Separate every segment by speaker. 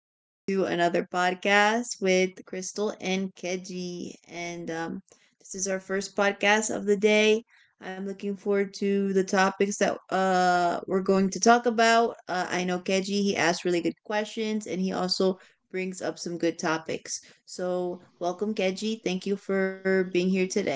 Speaker 1: welcome to another podcast with Crystal and Keji. And This is our first podcast of the day. I'm looking forward to the topics that we're going to talk about. I know Keji, he asked really good questions and he also brings up some good topics. So, welcome, Keji. Thank you for being here today.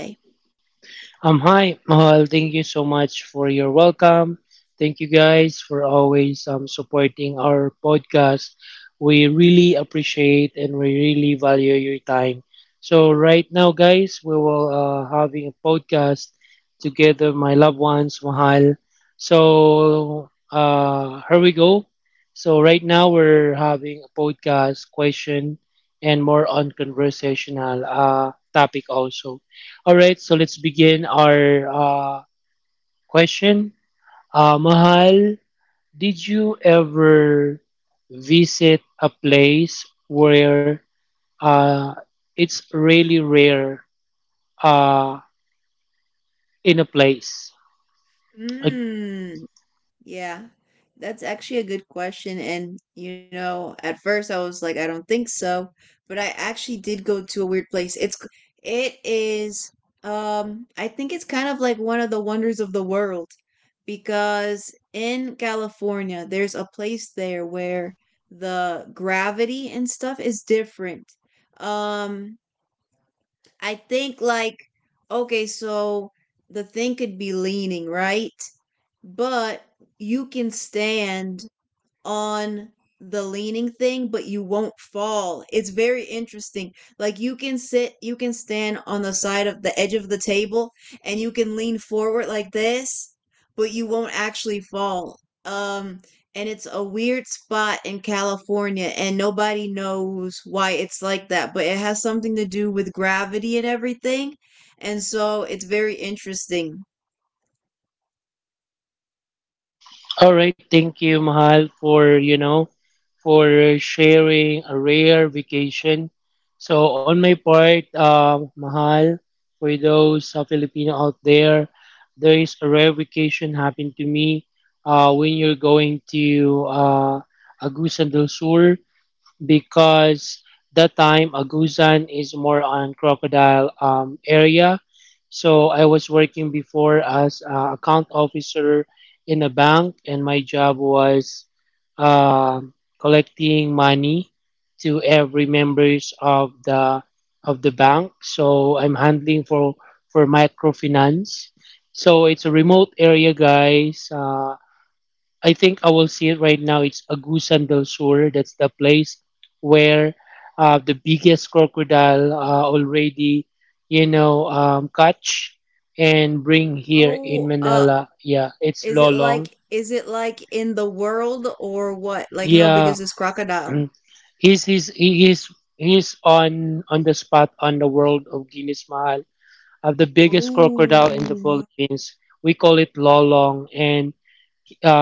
Speaker 2: Hi, Mahal. Thank you so much for your welcome. Thank you guys for always supporting our podcast. We really appreciate and we really value your time. So right now, guys, we will having a podcast together, my loved ones, Mahal. So here we go. So right now we're having a podcast question and more on conversational topic also. All right, so let's begin our question. Mahal, did you ever visit a place where uh, it's really rare uh, in a place? Like
Speaker 1: Mm. Yeah, that's actually a good question. And, you know, at first I was like, I don't think so, but I actually did go to a weird place. It is, I think it's kind of like one of the wonders of the world because in California, there's a place there where the gravity and stuff is different. Um, I think like, okay, so the thing could be leaning, right? But you can stand on the leaning thing, but you won't fall. It's very interesting, like you can sit, you can stand on the side of the edge of the table and you can lean forward like this, but you won't actually fall. um and it's a weird spot in California, and nobody knows why it's like that, but it has something to do with gravity and everything, and so it's very interesting.
Speaker 2: all right, thank you, Mahal, for for sharing a rare vacation. So on my part, Mahal, for those Filipino out there, there is a rare vacation happened to me. When you're going to Agusan del Sur, because that time Agusan is more on crocodile area. So I was working before as account officer in a bank, and my job was um collecting money to every members of the bank. So I'm handling for microfinance. So it's a remote area, guys. I think I will see it right now. It's Agusan del Sur. That's the place where the biggest crocodile already, catch and bring here
Speaker 1: oh
Speaker 2: in
Speaker 1: uh
Speaker 2: Manila. Yeah,
Speaker 1: Is
Speaker 2: it's
Speaker 1: it like
Speaker 2: Lolong.
Speaker 1: is it like in the world or what? Like how big is this
Speaker 2: Yeah,
Speaker 1: crocodile?
Speaker 2: mm, he's he- he's on the spot on the world of Guinness Mahal, of the biggest crocodile in
Speaker 1: Oh.
Speaker 2: the Philippines. We call it Lolong, and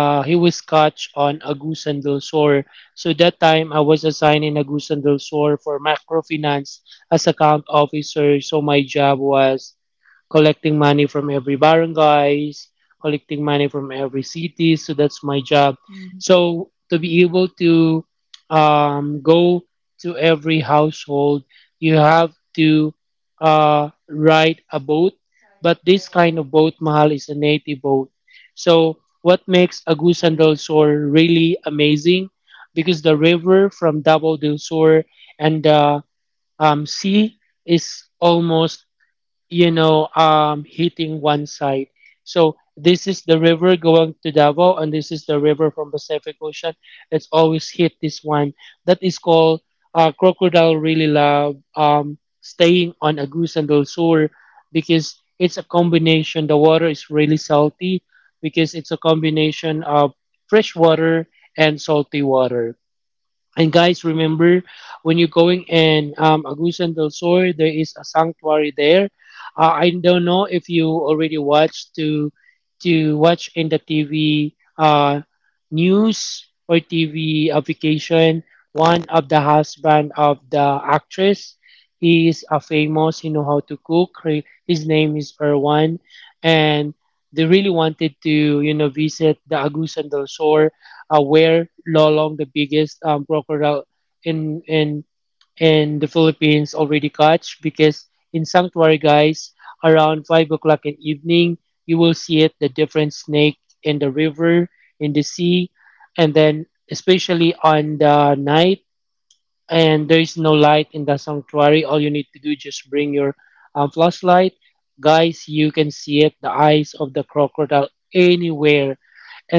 Speaker 2: he was coach on Agusan del Sur. So that time I was assigned in Agusan del Sur for macrofinance as account officer. So my job was collecting money from every barangays, collecting money from every city. So that's my job.
Speaker 1: Mm.
Speaker 2: So to be able to go to every household, you have to ride a boat. But this kind of boat, Mahal, is a native boat. So what makes Agusan del Sur really amazing? Because the river from Davao del Sur and the sea is almost, hitting one side. So this is the river going to Davao, and this is the river from Pacific Ocean. It's always hit this one. That is called crocodile really love staying on Agusan del Sur because it's a combination. The water is really salty because it's a combination of fresh water and salty water. And guys, remember when you're going in Agusan del Sur, there is a sanctuary there. I don't know if you already watched to watch in the TV news or TV application. One of the husband of the actress, he is a famous. He know how to cook. He- His name is Erwan, and they really wanted to visit the Agusan del Sur where lolong, the biggest crocodile in in in the Philippines, already catch because in sanctuary, guys, around 5 o'clock in evening, you will see it the different snake in the river, in the sea, and then especially on the night and there is no light in the sanctuary. All you need to do just bring your flashlight, guys. You can see it, the eyes of the crocodile anywhere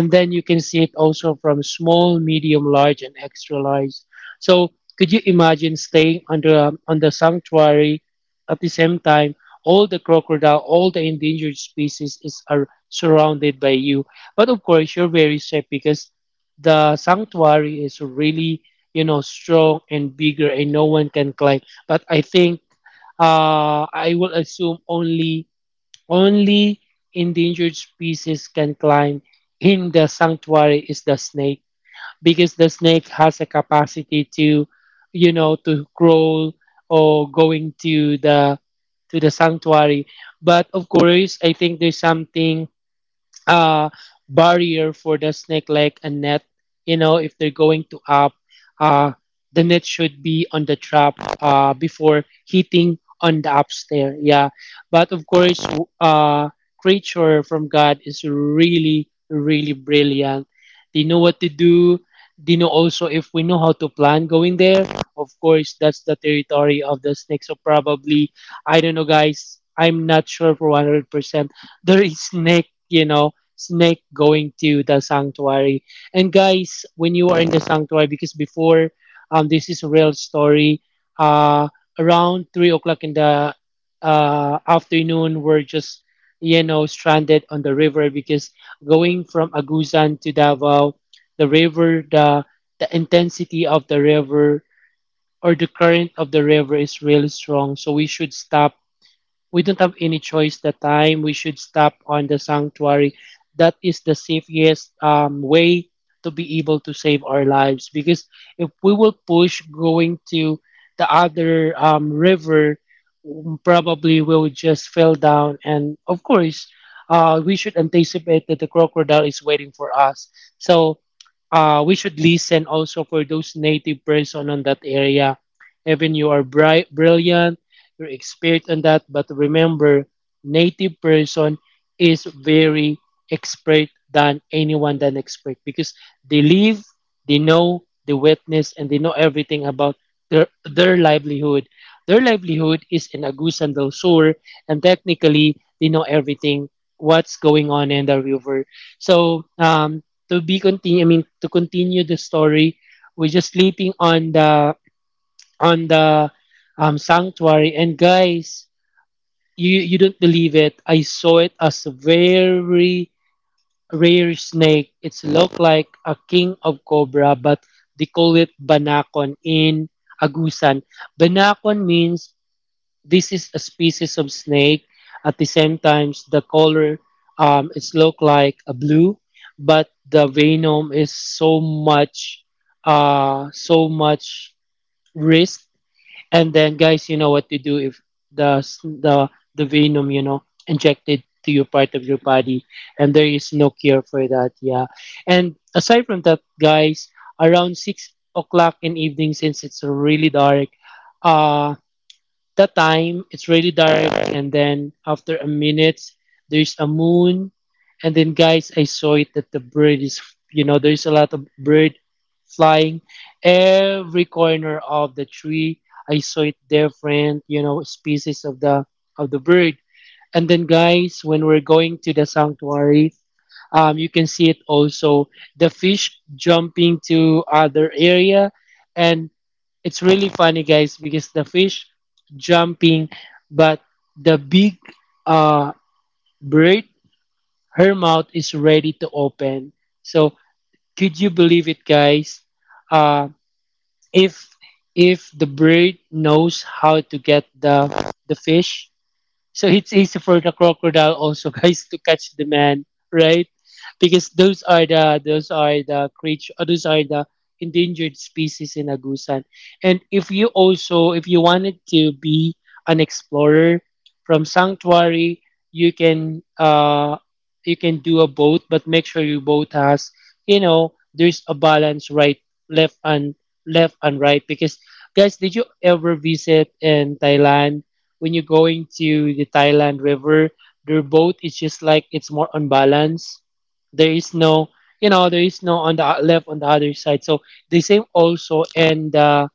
Speaker 2: and then you can see it also from small, medium, large, and extra large. So could you imagine staying under on the sanctuary at the same time? All the crocodile, all the endangered species is are surrounded by you. But of course, you're very safe because the sanctuary is really, you know, strong and bigger, and no one can climb. But I think I will assume only only endangered species can climb in the sanctuary is the snake, because the snake has a capacity to, you know, to crawl or going to the sanctuary. But of course, I think there's something uh, barrier for the snake like a net. You know, if they're going to up, uh, the net should be on the trap before hitting on the upstairs. Yeah, but of course, uh, creature from God is really, really brilliant. They know what to do. They know also if we know how to plan going there. Of course, that's the territory of the snake. So probably, I don't know, guys. I'm not sure for 100%. There is snake, snake going to the sanctuary. And guys, when you are in the sanctuary, because before, this is a real story. Uh, Around 3 o'clock in the afternoon, we're just, you know, stranded on the river because going from Agusan to Davao, the river, the intensity of the river or the current of the river is really strong. So we should stop, we don't have any choice the time. We should stop on the sanctuary. That is the safest way to be able to save our lives. Because if we will push going to the other river, probably we will just fell down. And of course, we should anticipate that the crocodile is waiting for us. So we should listen also for those native person on that area. Even you are bright, brilliant, you're expert on that. But remember, native person is very expert than anyone than expert because they live, they know, they witness, and they know everything about their
Speaker 1: Mm.
Speaker 2: their livelihood. Their livelihood is in Agusan del Sur, and technically they know everything what's going on in the river. So to be continue, I mean to continue the story, we're just sleeping on the sanctuary. And guys, you don't believe it. I saw it as a very rare snake. It's look like a king of cobra, but they call it banakon in Agusan. Banakon means this is a species of snake. At the same times, the color it's look like a blue, but the venom is so much uh so much risk and then, guys, you know what to do if the the venom, you know, injected to your part of your body, and there is no cure for that. Yeah. And aside from that, guys, around 6 o'clock in evening, since it's really dark, uh that time it's really dark and then after a minute there's a moon and then guys I saw it that the bird is, you know, there's a lot of bird flying every corner of the tree. I saw it different, you know, species of the bird. And then guys, when we're going to the sanctuary, you can see it also the fish jumping to other area. And it's really funny, guys, because the fish jumping, but the big uh, bird, her mouth is ready to open. So could you believe it, guys? Uh, if the bird knows how to get the fish, so it's easy for the crocodile also, guys, to catch the man, right? Because those are the creature, those are the endangered species in Agusan. And if you also, if you wanted to be an explorer from Sanctuary, you can uh you can do a boat, but make sure your boat has, you know, there's a balance, right, left, and right. Because guys, did you ever visit in Thailand? When you're going to the Thailand River, their boat is just like it's more unbalanced. There is no, you know, there is no on the left on the other side. So the same also, and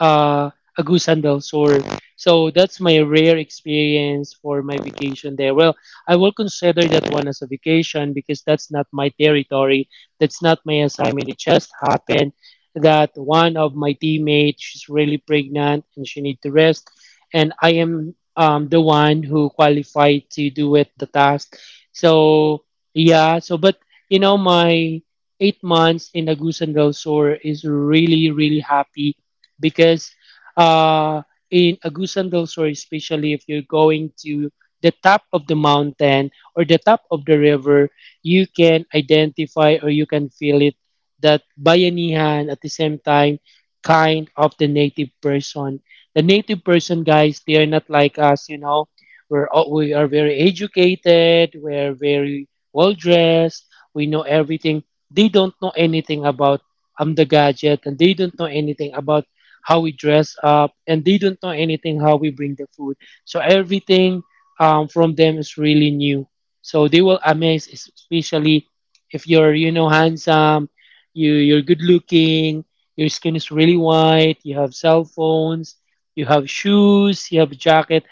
Speaker 2: uh, a goose and a sword. So that's my rare experience for my vacation there. Well, I will consider that one as a vacation because that's not my territory. That's not my assignment. It just happened that one of my teammates she's really pregnant and she need to rest, and I am the one who qualified to do it the task. So yeah. So but you know my 8 months in Agusan del Sur is really really happy because uh, in Agusan del Sur, especially if you're going to the top of the mountain or the top of the river, you can identify or you can feel it that bayanihan at the same time kind of the native person. The native person, guys, they are not like us, you know. We're all, we are very educated. We're very well dressed. We know everything. They don't know anything about the gadget, and they don't know anything about how we dress up, and they don't know anything how we bring the food. So everything from them is really new. So they will amaze, especially if you're, you know, handsome, you're good looking, your skin is really white, you have cell phones, you have shoes, you have jacket.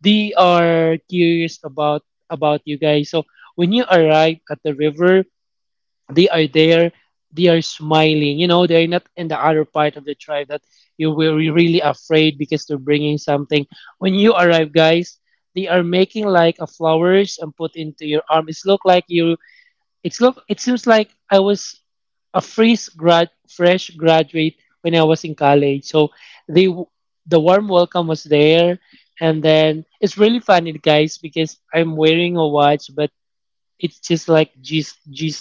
Speaker 2: They are curious about you guys. So when you arrive at the river, they are there they are smiling. They're not in the other part of the tribe that you will be really afraid because they're bringing something. When you arrive, guys, they are making like a flowers and put into your arm. It's look like you it's look it seems like I was a fresh graduate when I was in college. So they w- the warm welcome was there. And then it's really funny, guys, because I'm wearing a watch, but it's just like G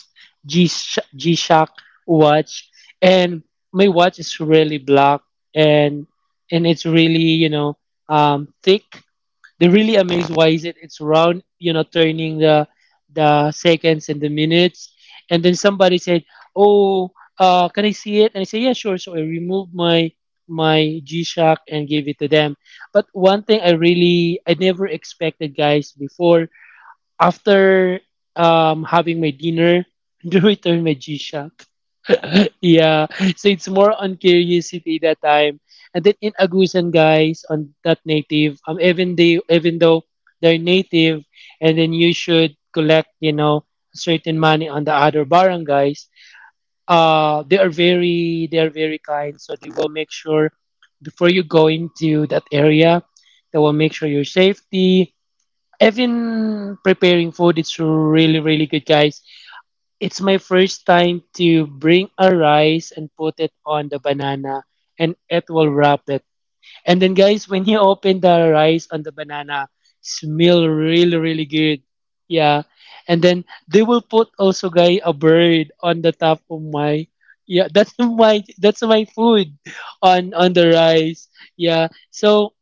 Speaker 2: G G Shock watch, and my watch is really black, and and it's really, thick. They really amazed, why is it? It's round, you know, turning the seconds and the minutes, and then somebody said, "Oh, can I see it?" And I said, "Yeah, sure." So I removed my G Shock and gave it to them. But one thing I never expected, guys, before, after having my dinner to return my G-Shock. Yeah. So it's more on curiosity that time. And then in Agusan, guys, on that native, even though they're native, and then you should collect, you know, certain money on the other barangays. They are very they are very kind. So they will make sure before you go into that area, they will make sure your safety, even preparing food. It's really, really good, guys. It's my first time to bring a rice and put it on the banana, and it will wrap it. And then, guys, when you open the rice on the banana, smell really, really good. Yeah. And then they will put also, guys, a bird on the top of my. Yeah, that's my that's my food on the rice. Yeah. So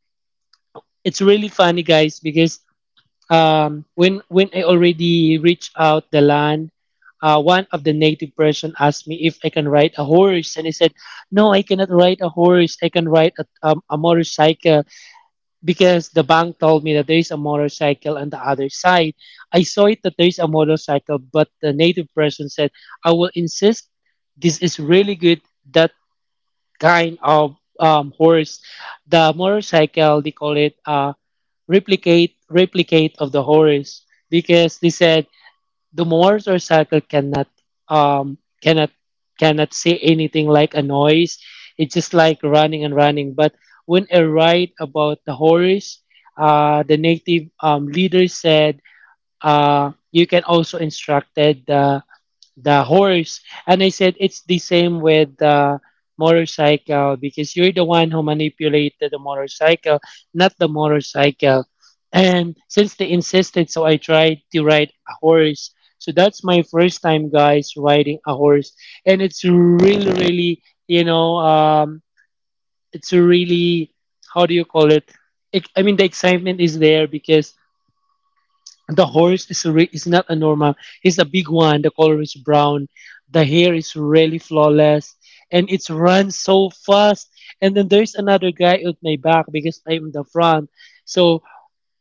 Speaker 2: it's really funny, guys, because when I already reached out the land. One of the native person asked me if I can ride a horse, and I said, "No, I cannot ride a horse. I can ride a motorcycle because the bank told me that there is a motorcycle on the other side. I saw it that there is a motorcycle," but the native person said, "I will insist. This is really good. That kind of horse, the motorcycle they call it." Replicate of the horrors because they said the Moors or circle cannot um cannot see anything like a noise. It's just like running and running. But when I write about the horrors, the native leader said, you can also instructed the horse. And I said, it's the same with the motorcycle because you're the one who manipulated the motorcycle, not the motorcycle. And since they insisted, so I tried to ride a horse. So that's my first time, guys, riding a horse, and it's really, really, you know, it's really, how do you call it, I mean, the excitement is there because the horse is is not a normal. It's a big one, the color is brown, the hair is really flawless, and it runs so fast. And then there's another guy at my back because I'm the front. So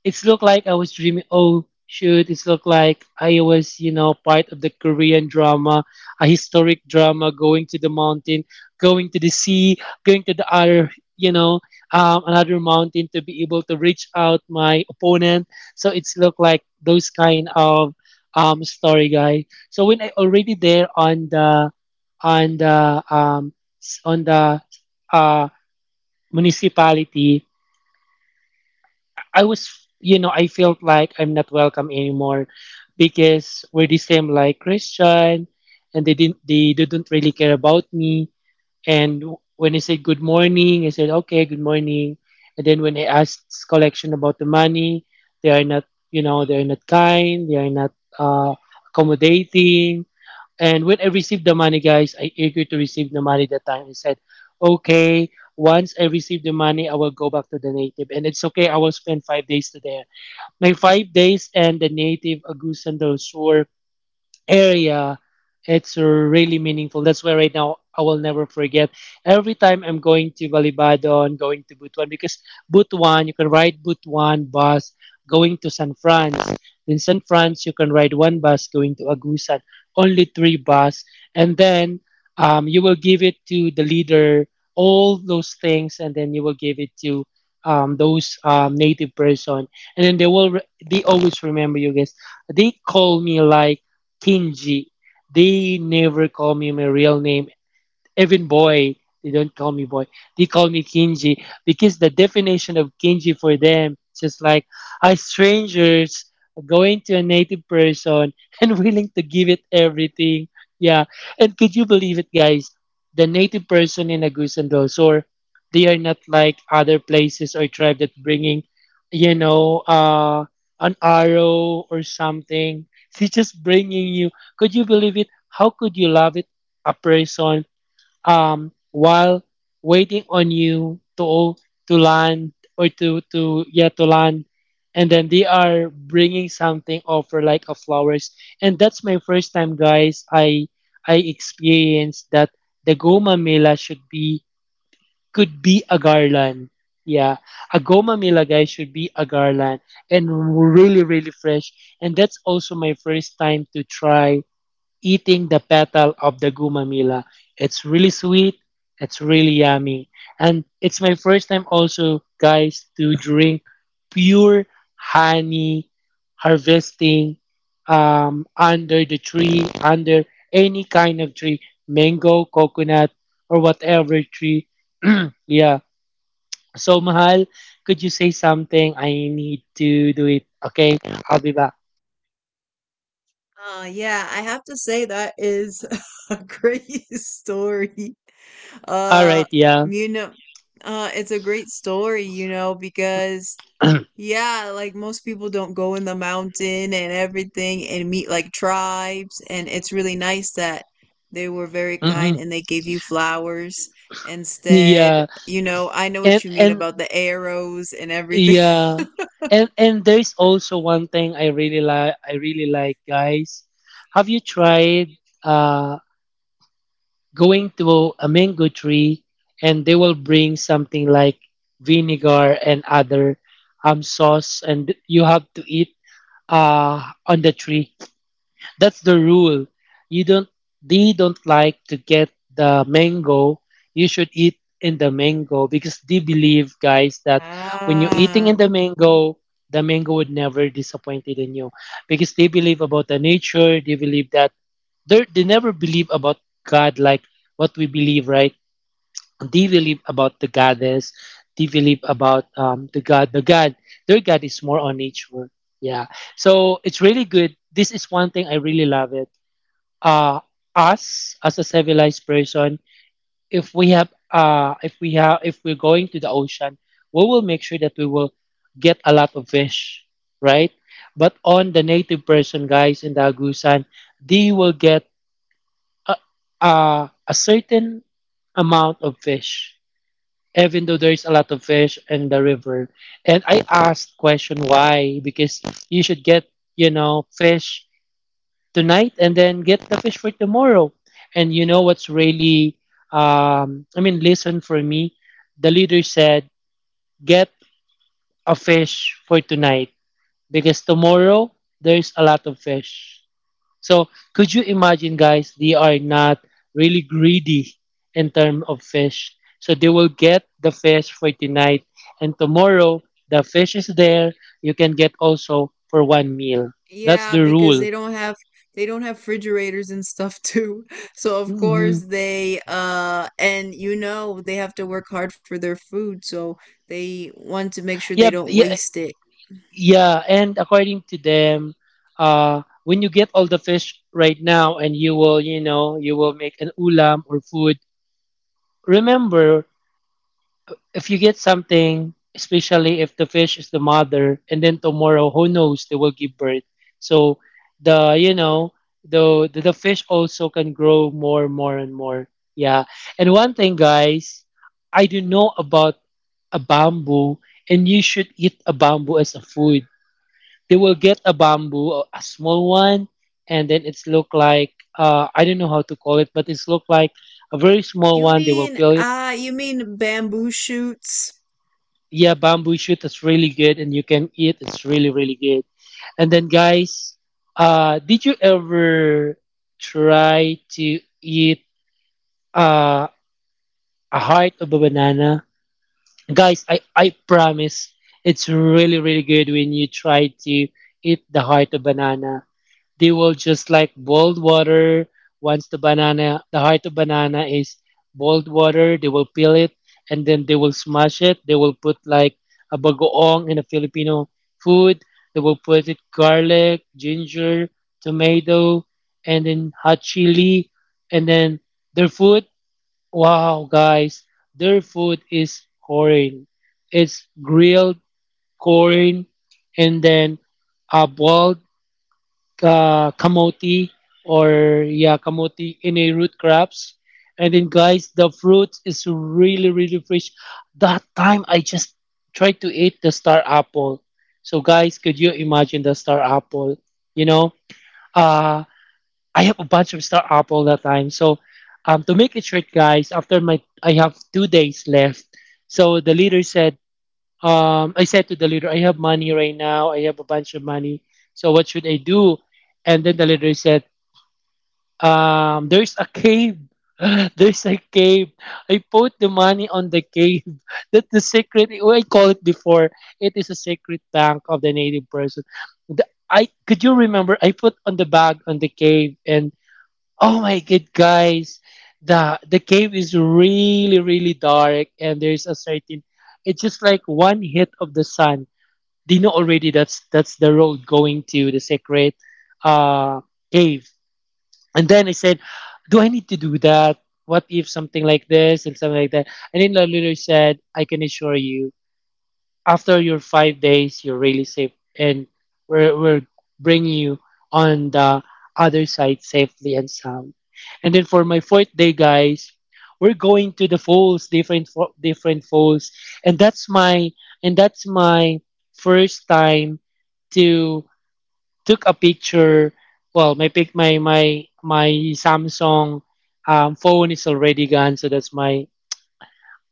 Speaker 2: it's looked like I was dreaming. Oh shoot! It's looked like I was, you know, part of the Korean drama, a historic drama, going to the mountain, going to the sea, going to the other, you know, another mountain to be able to reach out my opponent. So it's looked like those kind of story, guys. So when I already there on the on the um on the uh municipality, I was, you know, I felt like I'm not welcome anymore because we're the same like Christian, and they didn't really care about me. And when I said good morning, I said okay, good morning. And then when I asked collection about the money, they are not, they are not kind, they are not uh, accommodating. And when I received the money, guys, I agreed to receive the money that time. I said, okay, once I receive the money, I will go back to the native. And it's okay, I will spend 5 days to there. My 5 days and the native Agusan del Sur area, it's really meaningful. That's why right now I will never forget every time I'm going to Balibadon, going to Butuan, because Butuan, you can ride Butuan bus going to San Franz. In San Franz you can ride one bus going to Agusan, only three bus. And then, you will give it to the leader all those things, and then you will give it to those native person, and then they will they always remember you, guys. They call me like Kinji. They never call me my real name, even boy. They don't call me boy. They call me Kinji because the definition of Kinji for them is just like a strangers going to a native person, and willing to give it everything. Yeah. And could you believe it, guys? The native person in Agusan Dolsor, they are not like other places or tribe that bringing, you know, an arrow or something. She's just bringing you. Could you believe it? How could you love it? A person, while waiting on you to land, or to yeah, to land, and then they are bringing something over like a flowers. And that's my first time, guys, I experienced that. The goma mela should be could be a garland. Yeah, a goma mela, guys, should be a garland, and really, really fresh. And that's also my first time to try eating the petal of the gumamila. It's really sweet. It's really yummy. And it's my first time also, guys, to drink pure honey harvesting under the tree, under any kind of tree, mango, coconut, or whatever tree. Yeah. So, Mahal, could you say something? I need to do it. Okay, I'll be back.
Speaker 1: Yeah, I have to say that is a great story.
Speaker 2: All
Speaker 1: Uh,
Speaker 2: right, yeah.
Speaker 1: you know, it's a great story, you know, because yeah, like most people don't go in the mountain and everything and meet like tribes. And it's really nice that they were very kind
Speaker 2: Mm-hmm.
Speaker 1: and they gave you flowers instead.
Speaker 2: Yeah.
Speaker 1: You know, I know what
Speaker 2: And
Speaker 1: you mean
Speaker 2: and
Speaker 1: about the arrows and everything.
Speaker 2: yeah. And there's also one thing I really like I really like, guys. Have you tried uh going to a mango tree, and they will bring something like vinegar and other sauce, and you have to eat on the tree. That's the rule. You don't, they don't like to get the mango. You should eat in the mango because they believe, guys, that when you're eating
Speaker 1: Ah,
Speaker 2: in the mango would never disappointed in you. Because they believe about the nature, they believe that they never believe about God like what we believe, right? They believe about the goddess, they believe about the God. Their God is more on nature. Yeah. So it's really good. This is one thing I really love it. uh, Us as a civilized person, if we have if we have, if we're going to the ocean, we will make sure that we will get a lot of fish, right? But on the native person, guys, in the Agusan, they will get a, a certain amount of fish, even though there is a lot of fish in the river. And I asked question why, because you should get, you know, fish tonight and then get the fish for tomorrow. And you know what's really, I mean, listen for me. The leader said, get a fish for tonight because tomorrow there's a lot of fish. So could you imagine, guys? They are not really greedy in terms of fish. So they will get the fish for tonight, and tomorrow the fish is there. You can get also for one meal. That's
Speaker 1: yeah,
Speaker 2: the
Speaker 1: because they
Speaker 2: rule.
Speaker 1: don't have they don't have refrigerators and stuff too. So of
Speaker 2: Mhm.
Speaker 1: course they and you know they have to work hard for their food, so they want to make sure they don't
Speaker 2: Yeah.
Speaker 1: waste it.
Speaker 2: Yeah, and according to them, when you get all the fish right now, and you will, you know, you will make an ulam or food, remember, if you get something, especially if the fish is the mother, and then tomorrow, who knows, they will give birth. So the, you know, the fish also can grow more, more, and more. Yeah. And one thing, guys, I do know about a bamboo, and you should eat a bamboo as a food. They will get a bamboo, a small one, and then it's look like, I don't know how to call it, but it's look like a very small
Speaker 1: You
Speaker 2: one. They will
Speaker 1: mean
Speaker 2: peel it.
Speaker 1: you mean bamboo shoots?
Speaker 2: Yeah, bamboo shoot is really good, and you can eat. It's really, really good. And then, guys, did you ever try to eat uh, a heart of a banana? Guys, I promise, it's really, really good when you try to eat the heart of banana. They will just like boiled water. Once the banana, the heart of banana is boiled water, they will peel it and then they will smash it. They will put like a bagoong in a Filipino food. They will put it garlic, ginger, tomato, and then hot chili. And then their food, wow, guys, their food is corn. It's grilled corn and then boiled kamote or yeah, kamote in a root crops. And then, guys, the fruit is really, really fresh. That time I just tried to eat the star apple. So guys, could you imagine the star apple? you know uh I have a bunch of star apple that time. So to make it short, guys, after my, I have 2 days left. So the leader said, I said to the leader, "I have money right now. I have a bunch of money. So what should I do?" And then the leader said, "There's a cave." There's a cave. I put the money on the cave. That's the secret. Well, I call it before. It is a secret bank of the native person. The, I, could you remember? I put on the bag on the cave, and oh my god, guys, the cave is really, really dark, and there's a certain, it's just like one hit of the sun, they know already that's the road going to the secret uh, cave. And then I said, "Do I need to do that? What if something like this and something like that?" And then the leader said, "I can assure you, after your 5 days, you're really safe, and we're bringing you on the other side safely and sound." And then for my fourth day, guys, we're going to the falls, different different falls, and that's my, and that's my first time to took a picture. Well, my pic my my my Samsung phone is already gone, so that's my,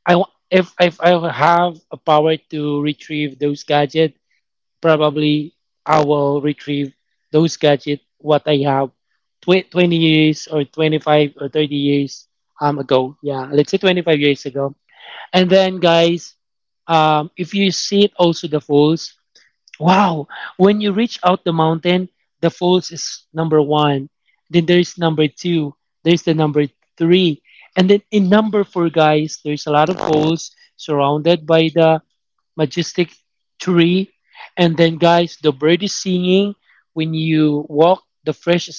Speaker 2: if I have a power to retrieve those gadgets, probably I will retrieve those gadgets what I have 20 years or 25 or 30 years ago. Yeah, let's say 25 years ago. And then, guys, if you see it also the falls, wow, when you reach out the mountain, the falls is number one. Then there's number two. There's the number three. And then in number four, guys, there's a lot of falls surrounded by the majestic tree. And then, guys, the bird is singing. When you walk, the fresh,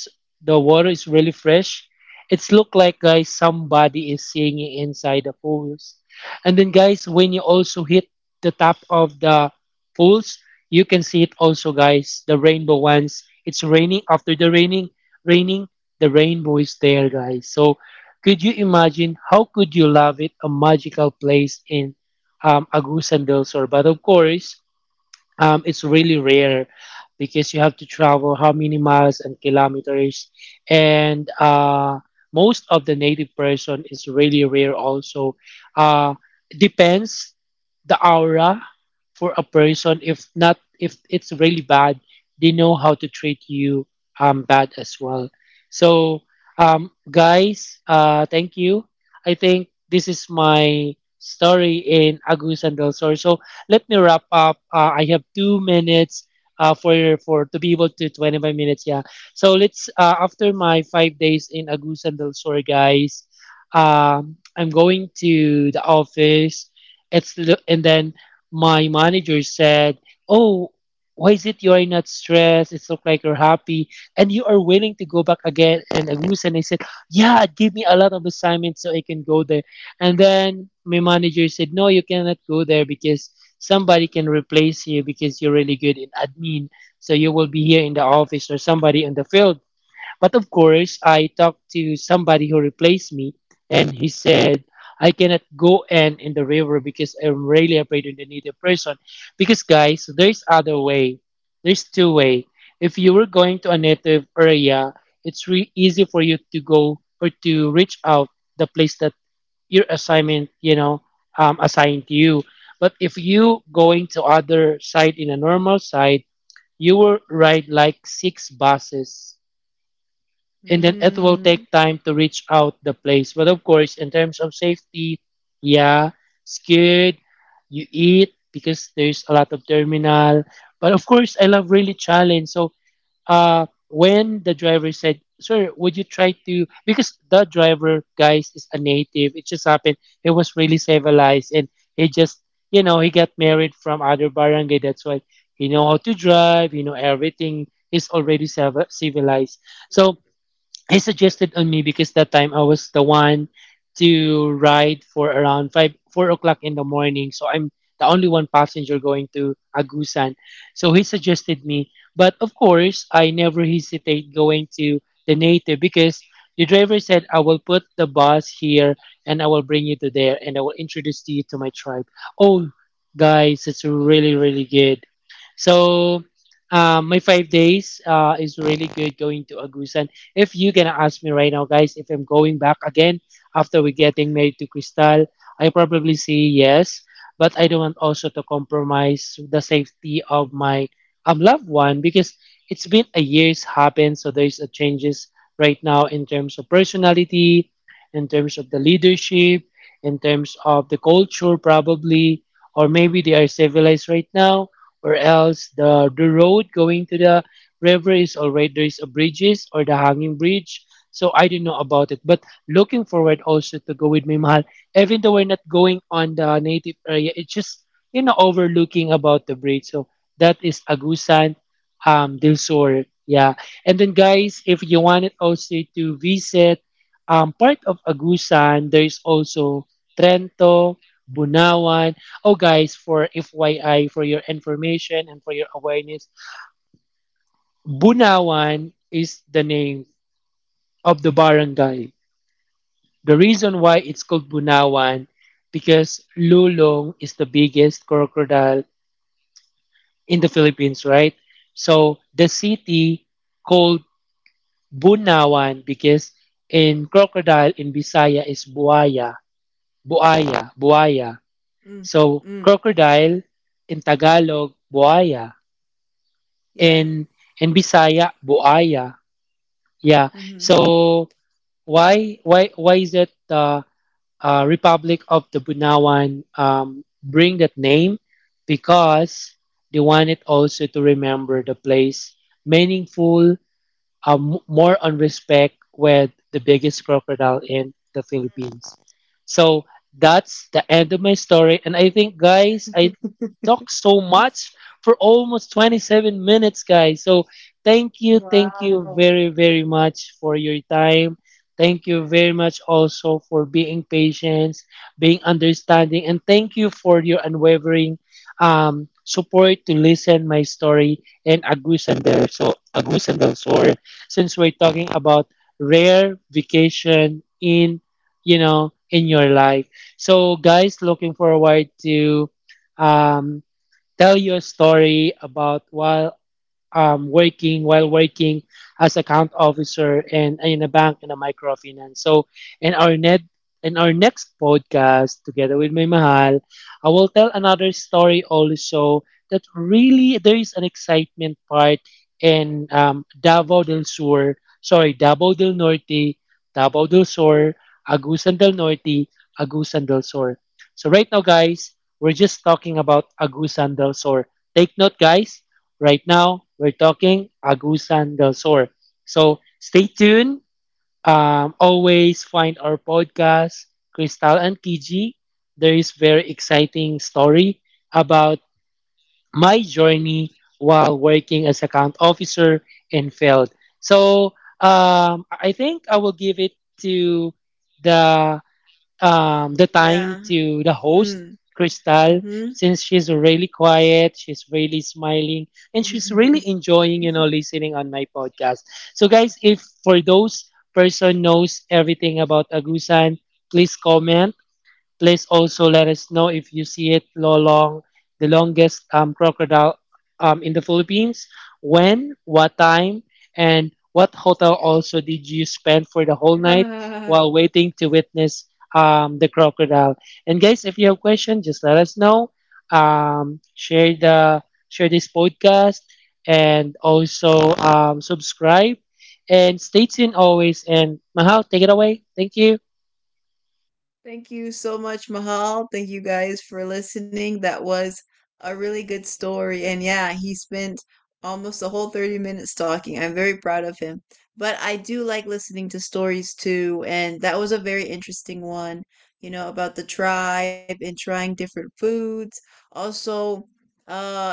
Speaker 2: the water is really fresh. It's look like, guys, somebody is singing inside the pools. And then, guys, when you also hit the top of the pools, you can see it also, guys. The rainbow ones. It's raining. After the raining, raining, the rainbow is there, guys. So, could you imagine how could you love it? A magical place in Agusan del Sur. But of course, it's really rare because you have to travel how many miles and kilometers, and most of the native person is really rare also. uh, Depends the aura for a person. If not, if it's really bad, they know how to treat you bad as well. So guys, thank you. I think this is my story in Agusan del Sur. So let me wrap up. I have 2 minutes uh, for for to be able to 25 minutes. Yeah. So let's, after my 5 days in Agusan del Sur, guys. I'm going to the office. And then my manager said, "Oh, why is it you are not stressed? It's look like you're happy, and you are willing to go back again." And Agusan, I said, "Yeah, give me a lot of assignments so I can go there." And then my manager said, "No, you cannot go there because." Somebody can replace you because you're really good in admin. So you will be here in the office or somebody in the field. But of course, I talked to somebody who replaced me, and he said, "I cannot go in the river because I'm really afraid of the native person." Because guys, there's other way. There's two way. If you were going to a native area, it's really easy for you to go or to reach out the place that your assignment, you know, assigned to you. But if you going to other side in a normal side, you will ride like six buses, and then it will
Speaker 1: Mm.
Speaker 2: take time to reach out the place. But of course, in terms of safety, yeah, scared. You eat because there's a lot of terminal. But of course, I love really challenge. So when the driver said, "Sir, would you try to," because the driver, guys, is a native, it just happened he was really civilized, and he just, you know, he got married from other barangay, that's why he know how to drive, you know, everything, he's already civilized. So he suggested on me, because that time I was the one to ride for around five four o'clock in the morning. So I'm the only one passenger going to Agusan. So he suggested me. But of course I never hesitate going to the native, because the driver said, "I will put the bus here and I will bring you to there and I will introduce you to my tribe." Oh guys, it's really really good. So my 5 days is really good going to Agusan. If you gonna ask me right now, guys, if I'm going back again after we getting married to Crystal, I probably say yes. But I don't want also to compromise the safety of my loved one, because it's been a year's happened, so there's a changes right now in terms of personality, in terms of the leadership, in terms of the culture probably, or maybe they are civilized right now, or else the road going to the river is already there is a bridges or the hanging bridge. So I don't know about it, but looking
Speaker 1: Mm.
Speaker 2: forward also to go with my mahal. Even though we're not going on the native area, it's just, you know, overlooking about the bridge. So that is Agusan, Del Sur. Yeah, and then guys, if you wanted also to visit, part of Agusan, there is also Trento, Bunawan. Oh, guys, for FYI, for your information and for your awareness, Bunawan is the name of the barangay. The reason why it's called Bunawan because Lulong is the biggest crocodile in the Philippines, right? So the city called Bunawan because in crocodile, in Bisaya is buaya, buaya, buaya.
Speaker 1: Mm. Mm.
Speaker 2: So crocodile in Tagalog buaya,
Speaker 1: Yeah.
Speaker 2: in in Bisaya buaya. Yeah.
Speaker 1: Mm-hmm.
Speaker 2: So why is it the Republic of the Bunawan bring that name? Because they wanted also to remember the place meaningful, uh, more on respect with the biggest crocodile in the Philippines. So that's the end of my story. And I think, guys, I talked so much for almost 27 minutes, guys. So
Speaker 1: Wow.
Speaker 2: thank you very, very much for your time. Thank you very much also for being patient, being understanding, and thank you for your unwavering support to listen my story and Agus and. So Agus and Del, sorry, since we're talking about rare vacation in, you know, in your life. So, guys, looking forward to um, tell you a story about while working as account officer in a bank in a microfinance. So in our net in our next podcast together with my mahal, I will tell another story also that really there is an excitement part in Davao del Sur, sorry, Davao del Norte, Davao del Sur, Agusan del Norte, Agusan del Sur. So right now, guys, we're just talking about Agusan del Sur. Take note, guys. Right now, we're talking Agusan del Sur. So stay tuned. Always find our podcast, Crystal and Kiji. There is very exciting story about my journey while working as account officer in field. So I think I will give it to the the
Speaker 1: Yeah.
Speaker 2: time to the host,
Speaker 1: Mm.
Speaker 2: Crystal, since she's really quiet, she's really smiling, and she's
Speaker 1: Mm-hmm.
Speaker 2: really enjoying, you know, listening on my podcast. So, guys, if for those person knows everything about Agusan, please comment. Please also let us know if you see it lolong, the longest crocodile in the Philippines. When, what time, and what hotel also did you spend for the whole night while waiting to witness the crocodile? And guys, if you have questions, just let us know. Share the, share this podcast, and also subscribe and stay tuned always. And Mahal, take it away. Thank you.
Speaker 1: Thank you so much, Mahal. Thank you guys for listening. That was a really good story. And yeah, he spent almost a whole 30 minutes talking. I'm very proud of him. But I do like listening to stories too. And that was a very interesting one, you know, about the tribe and trying different foods. Also, uh,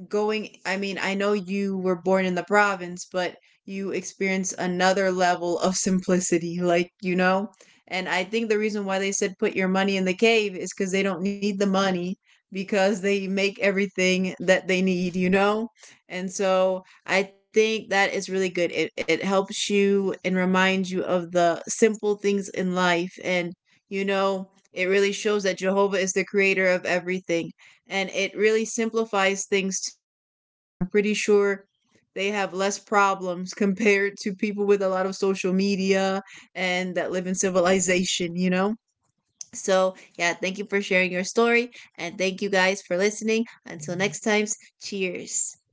Speaker 1: going I mean I know you were born in the province, but you experience another level of simplicity, like, you know, and I think the reason why they said put your money in the cave is because they don't need the money, because they make everything that they need, you know. And so I think that is really good. It helps you and reminds you of the simple things in life, and you know it really shows that Jehovah is the creator of everything, and it really simplifies things too. I'm pretty sure they have less problems compared to people with a lot of social media and that live in civilization, you know? So, yeah, thank you for sharing your story, and thank you guys for listening. Until next time, cheers.